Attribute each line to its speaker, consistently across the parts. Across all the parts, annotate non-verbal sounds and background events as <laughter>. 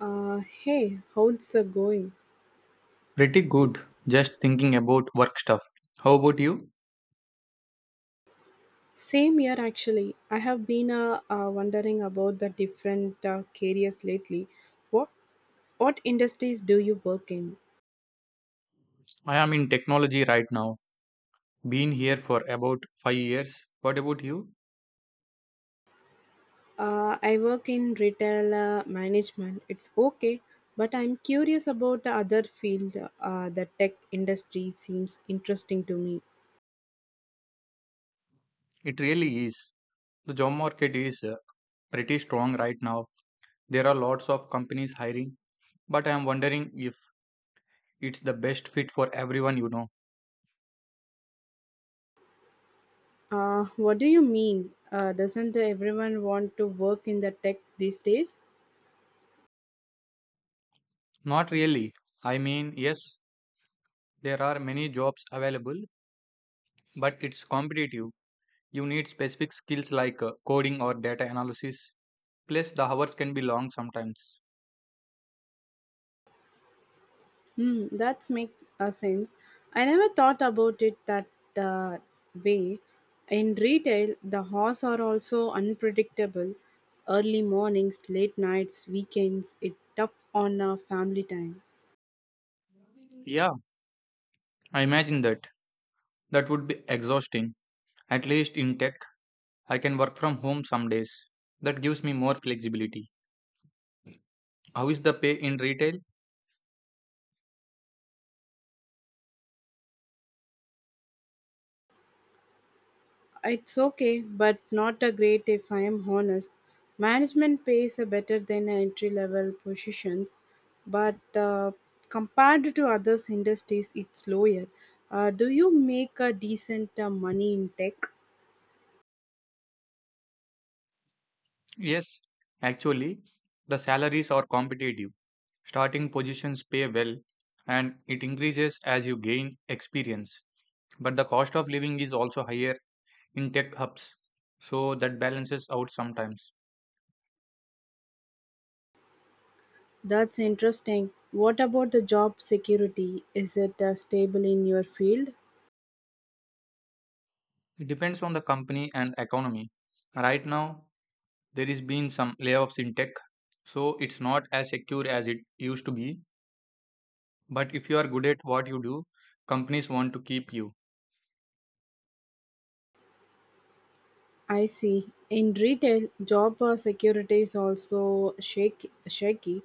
Speaker 1: Hey, how's it going?
Speaker 2: Pretty good. Just thinking about work stuff. How about you?
Speaker 1: Same year actually. I have been wondering about the different careers lately. What what industries do you work in?
Speaker 2: I am in technology right now. Been here for about 5 years. What about you?
Speaker 1: I work in retail management. It's okay, but I'm curious about the other field. The tech industry seems interesting to me.
Speaker 2: It really is. The job market is pretty strong right now. There are lots of companies hiring, but I am wondering if it's the best fit for everyone.
Speaker 1: What do you mean? Doesn't everyone want to work in the tech these days?
Speaker 2: Not really. I mean, yes, there are many jobs available, but it's competitive. You need specific skills like coding or data analysis. Plus, the hours can be long sometimes.
Speaker 1: Hmm, that's make a sense. I never thought about it that uh, way. In retail, the hours are also unpredictable. Early mornings, late nights, weekends. It tough on a family time.
Speaker 2: Yeah, I imagine that. That would be exhausting. At least in tech, I can work from home some days. That gives me more flexibility. How is the pay in retail?
Speaker 1: It's okay, but not a great if I am honest. Management pays are better than entry level positions, but compared to other industries, it's lower. Do you make a decent money in tech?
Speaker 2: Yes, actually, the salaries are competitive. Starting positions pay well and it increases as you gain experience. But the cost of living is also higher in tech hubs. So that balances out sometimes.
Speaker 1: That's interesting. What about the job security? Is it stable in your field?
Speaker 2: It depends on the company and economy. Right now, there has been some layoffs in tech, so it's not as secure as it used to be, but if you are good at what you do, companies want to keep you.
Speaker 1: I see. In retail, job security is also shaky.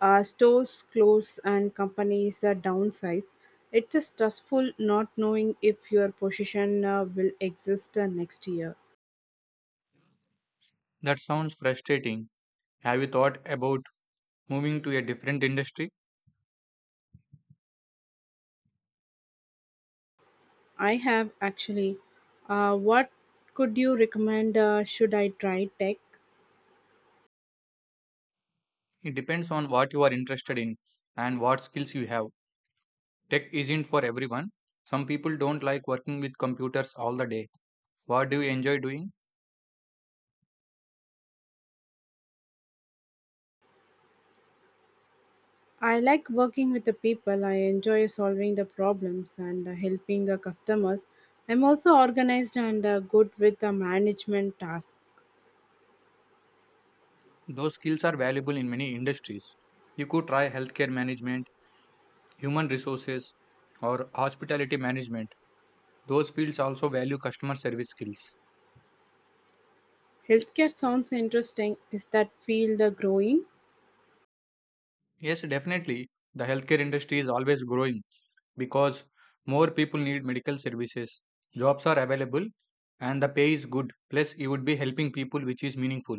Speaker 1: Stores close and companies downsize. It's stressful not knowing if your position will exist next year.
Speaker 2: That sounds frustrating. Have you thought about moving to a different industry?
Speaker 1: I have actually. What could you recommend? Should I try tech?
Speaker 2: It depends on what you are interested in and what skills you have. Tech isn't for everyone. Some people don't like working with computers all the day. What do you enjoy doing?
Speaker 1: I like working with the people. I enjoy solving the problems and helping the customers. I'm also organized and good with the management task.
Speaker 2: Those skills are valuable in many industries. You could try healthcare management, human resources, or hospitality management. Those fields also value customer service skills.
Speaker 1: Healthcare sounds interesting. Is that field growing?
Speaker 2: Yes, definitely. The healthcare industry is always growing because more people need medical services. Jobs are available and the pay is good. Plus, you would be helping people, which is meaningful.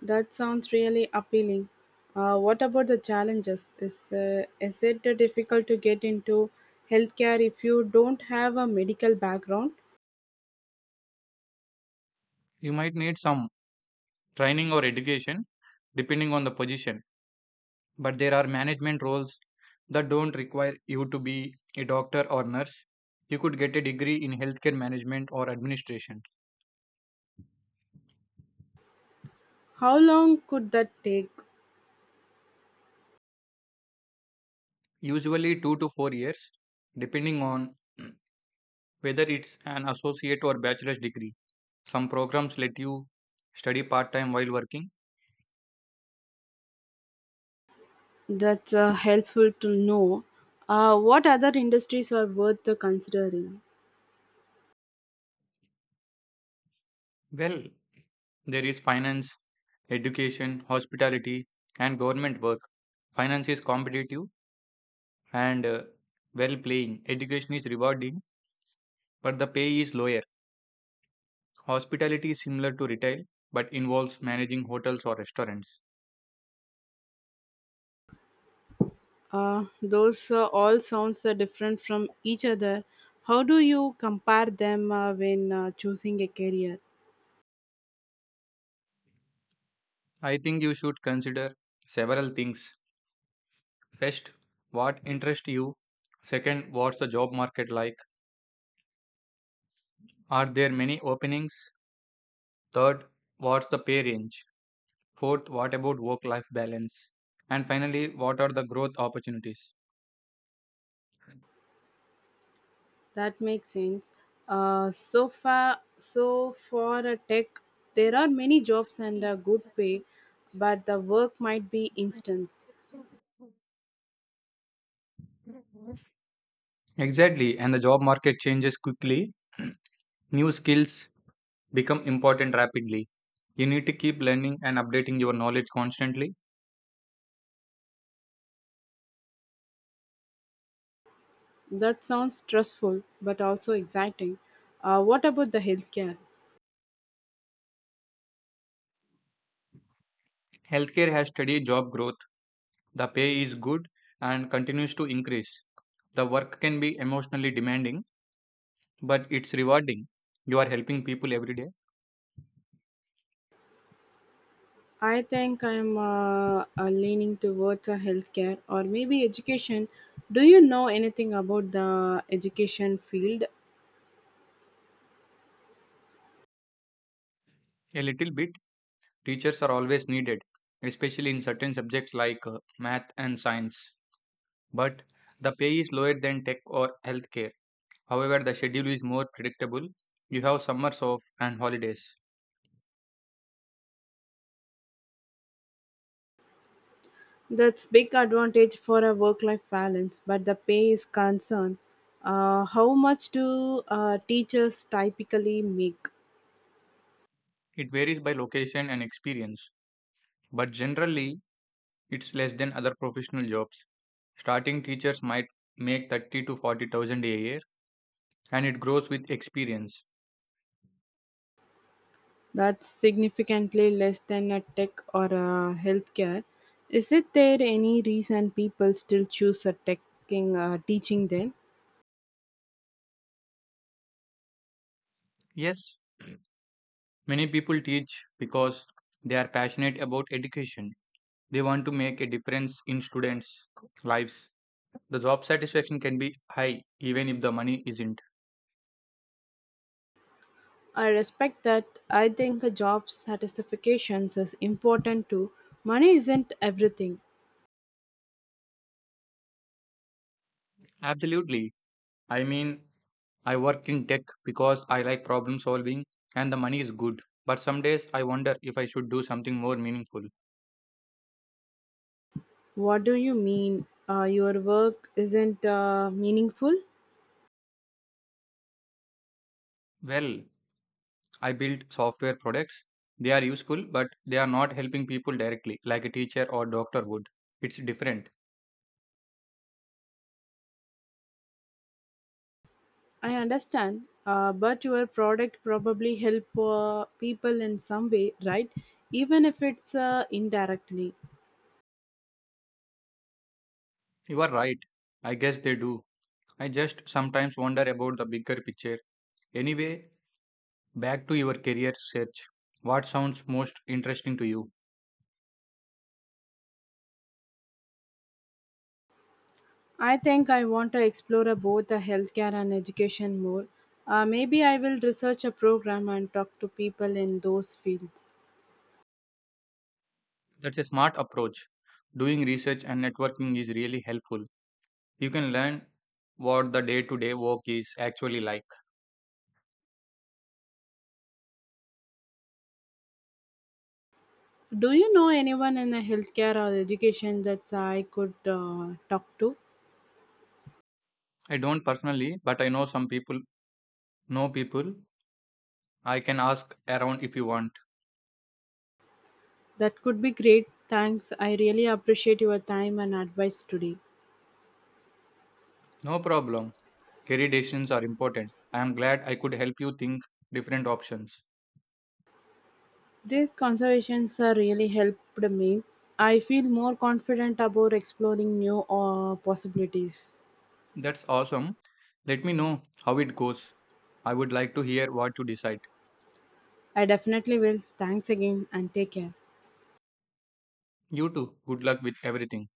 Speaker 1: That sounds really appealing. What about the challenges? Is it difficult to get into healthcare if you don't have a medical background?
Speaker 2: You might need some training or education depending on the position, but there are management roles that don't require you to be a doctor or nurse. You could get a degree in healthcare management or administration,
Speaker 1: How long could that take?
Speaker 2: usually 2 to 4 years, depending on <clears throat> whether it's an associate or bachelor's degree. Some programs let you study part time while working.
Speaker 1: That's helpful to know. What other industries are worth considering?
Speaker 2: Well, there is finance, education, hospitality, and government work. Finance is competitive and well paying. Education is rewarding, but the pay is lower. Hospitality is similar to retail but involves managing hotels or restaurants.
Speaker 1: Those all sounds are different from each other. How do you compare them when choosing a career?
Speaker 2: I think you should consider several things. First, what interests you? Second, what's the job market like? Are there many openings? Third, what's the pay range? Fourth, what about work life balance? And finally, what are the growth opportunities?
Speaker 1: That makes sense. So far, so for a tech, there are many jobs and a good pay, but the work might be instant.
Speaker 2: Exactly, and the job market changes quickly. <clears throat> New skills become important rapidly. You need to keep learning and updating your knowledge constantly.
Speaker 1: That sounds stressful, but also exciting. What about the healthcare?
Speaker 2: Healthcare has steady job growth. The pay is good and continues to increase. The work can be emotionally demanding, but it's rewarding. You are helping people every day.
Speaker 1: I think I'm leaning towards healthcare or maybe education. Do you know anything about the education field?
Speaker 2: A little bit. Teachers are always needed, especially in certain subjects like math and science, but the pay is lower than tech or healthcare. However, the schedule is more predictable. You have summers off and holidays.
Speaker 1: That's big advantage for a work-life balance, but the pay is concern. How much do teachers typically make?
Speaker 2: It varies by location and experience, but generally, it's less than other professional jobs. Starting teachers might make 30 to 40,000 a year, and it grows with experience.
Speaker 1: That's significantly less than a tech or a healthcare. Is it there any reason people still choose a tech teaching then?
Speaker 2: Yes, many people teach because they are passionate about education. They want to make a difference in students' lives. The job satisfaction can be high even if the money isn't.
Speaker 1: I respect that. I think a job satisfaction is important too. Money isn't everything.
Speaker 2: Absolutely. I mean, I work in tech because I like problem solving and the money is good. But some days I wonder if I should do something more meaningful.
Speaker 1: What do you mean? Your work isn't meaningful?
Speaker 2: Well, I build software products. They are useful, but they are not helping people directly, like a teacher or doctor would. It's different.
Speaker 1: I understand, but your product probably help people in some way, right? Even if it's indirectly.
Speaker 2: You are right. I guess they do. I just sometimes wonder about the bigger picture. Anyway, back to your career search. What sounds most interesting to you?
Speaker 1: I think I want to explore both healthcare and education more. Maybe I will research a program and talk to people in those fields.
Speaker 2: That's a smart approach. Doing research and networking is really helpful. You can learn what the day to day work is actually like.
Speaker 1: Do you know anyone in the healthcare or education that I could talk to?
Speaker 2: I don't personally, but I know some people, know people. I can ask around if you want.
Speaker 1: That could be great. Thanks. I really appreciate your time and advice today.
Speaker 2: No problem. Career decisions are important. I am glad I could help you think different options.
Speaker 1: These conversations really helped me. I feel more confident about exploring new possibilities.
Speaker 2: That's awesome. Let me know how it goes. I would like to hear what you decide.
Speaker 1: I definitely will. Thanks again and take care.
Speaker 2: You too. Good luck with everything.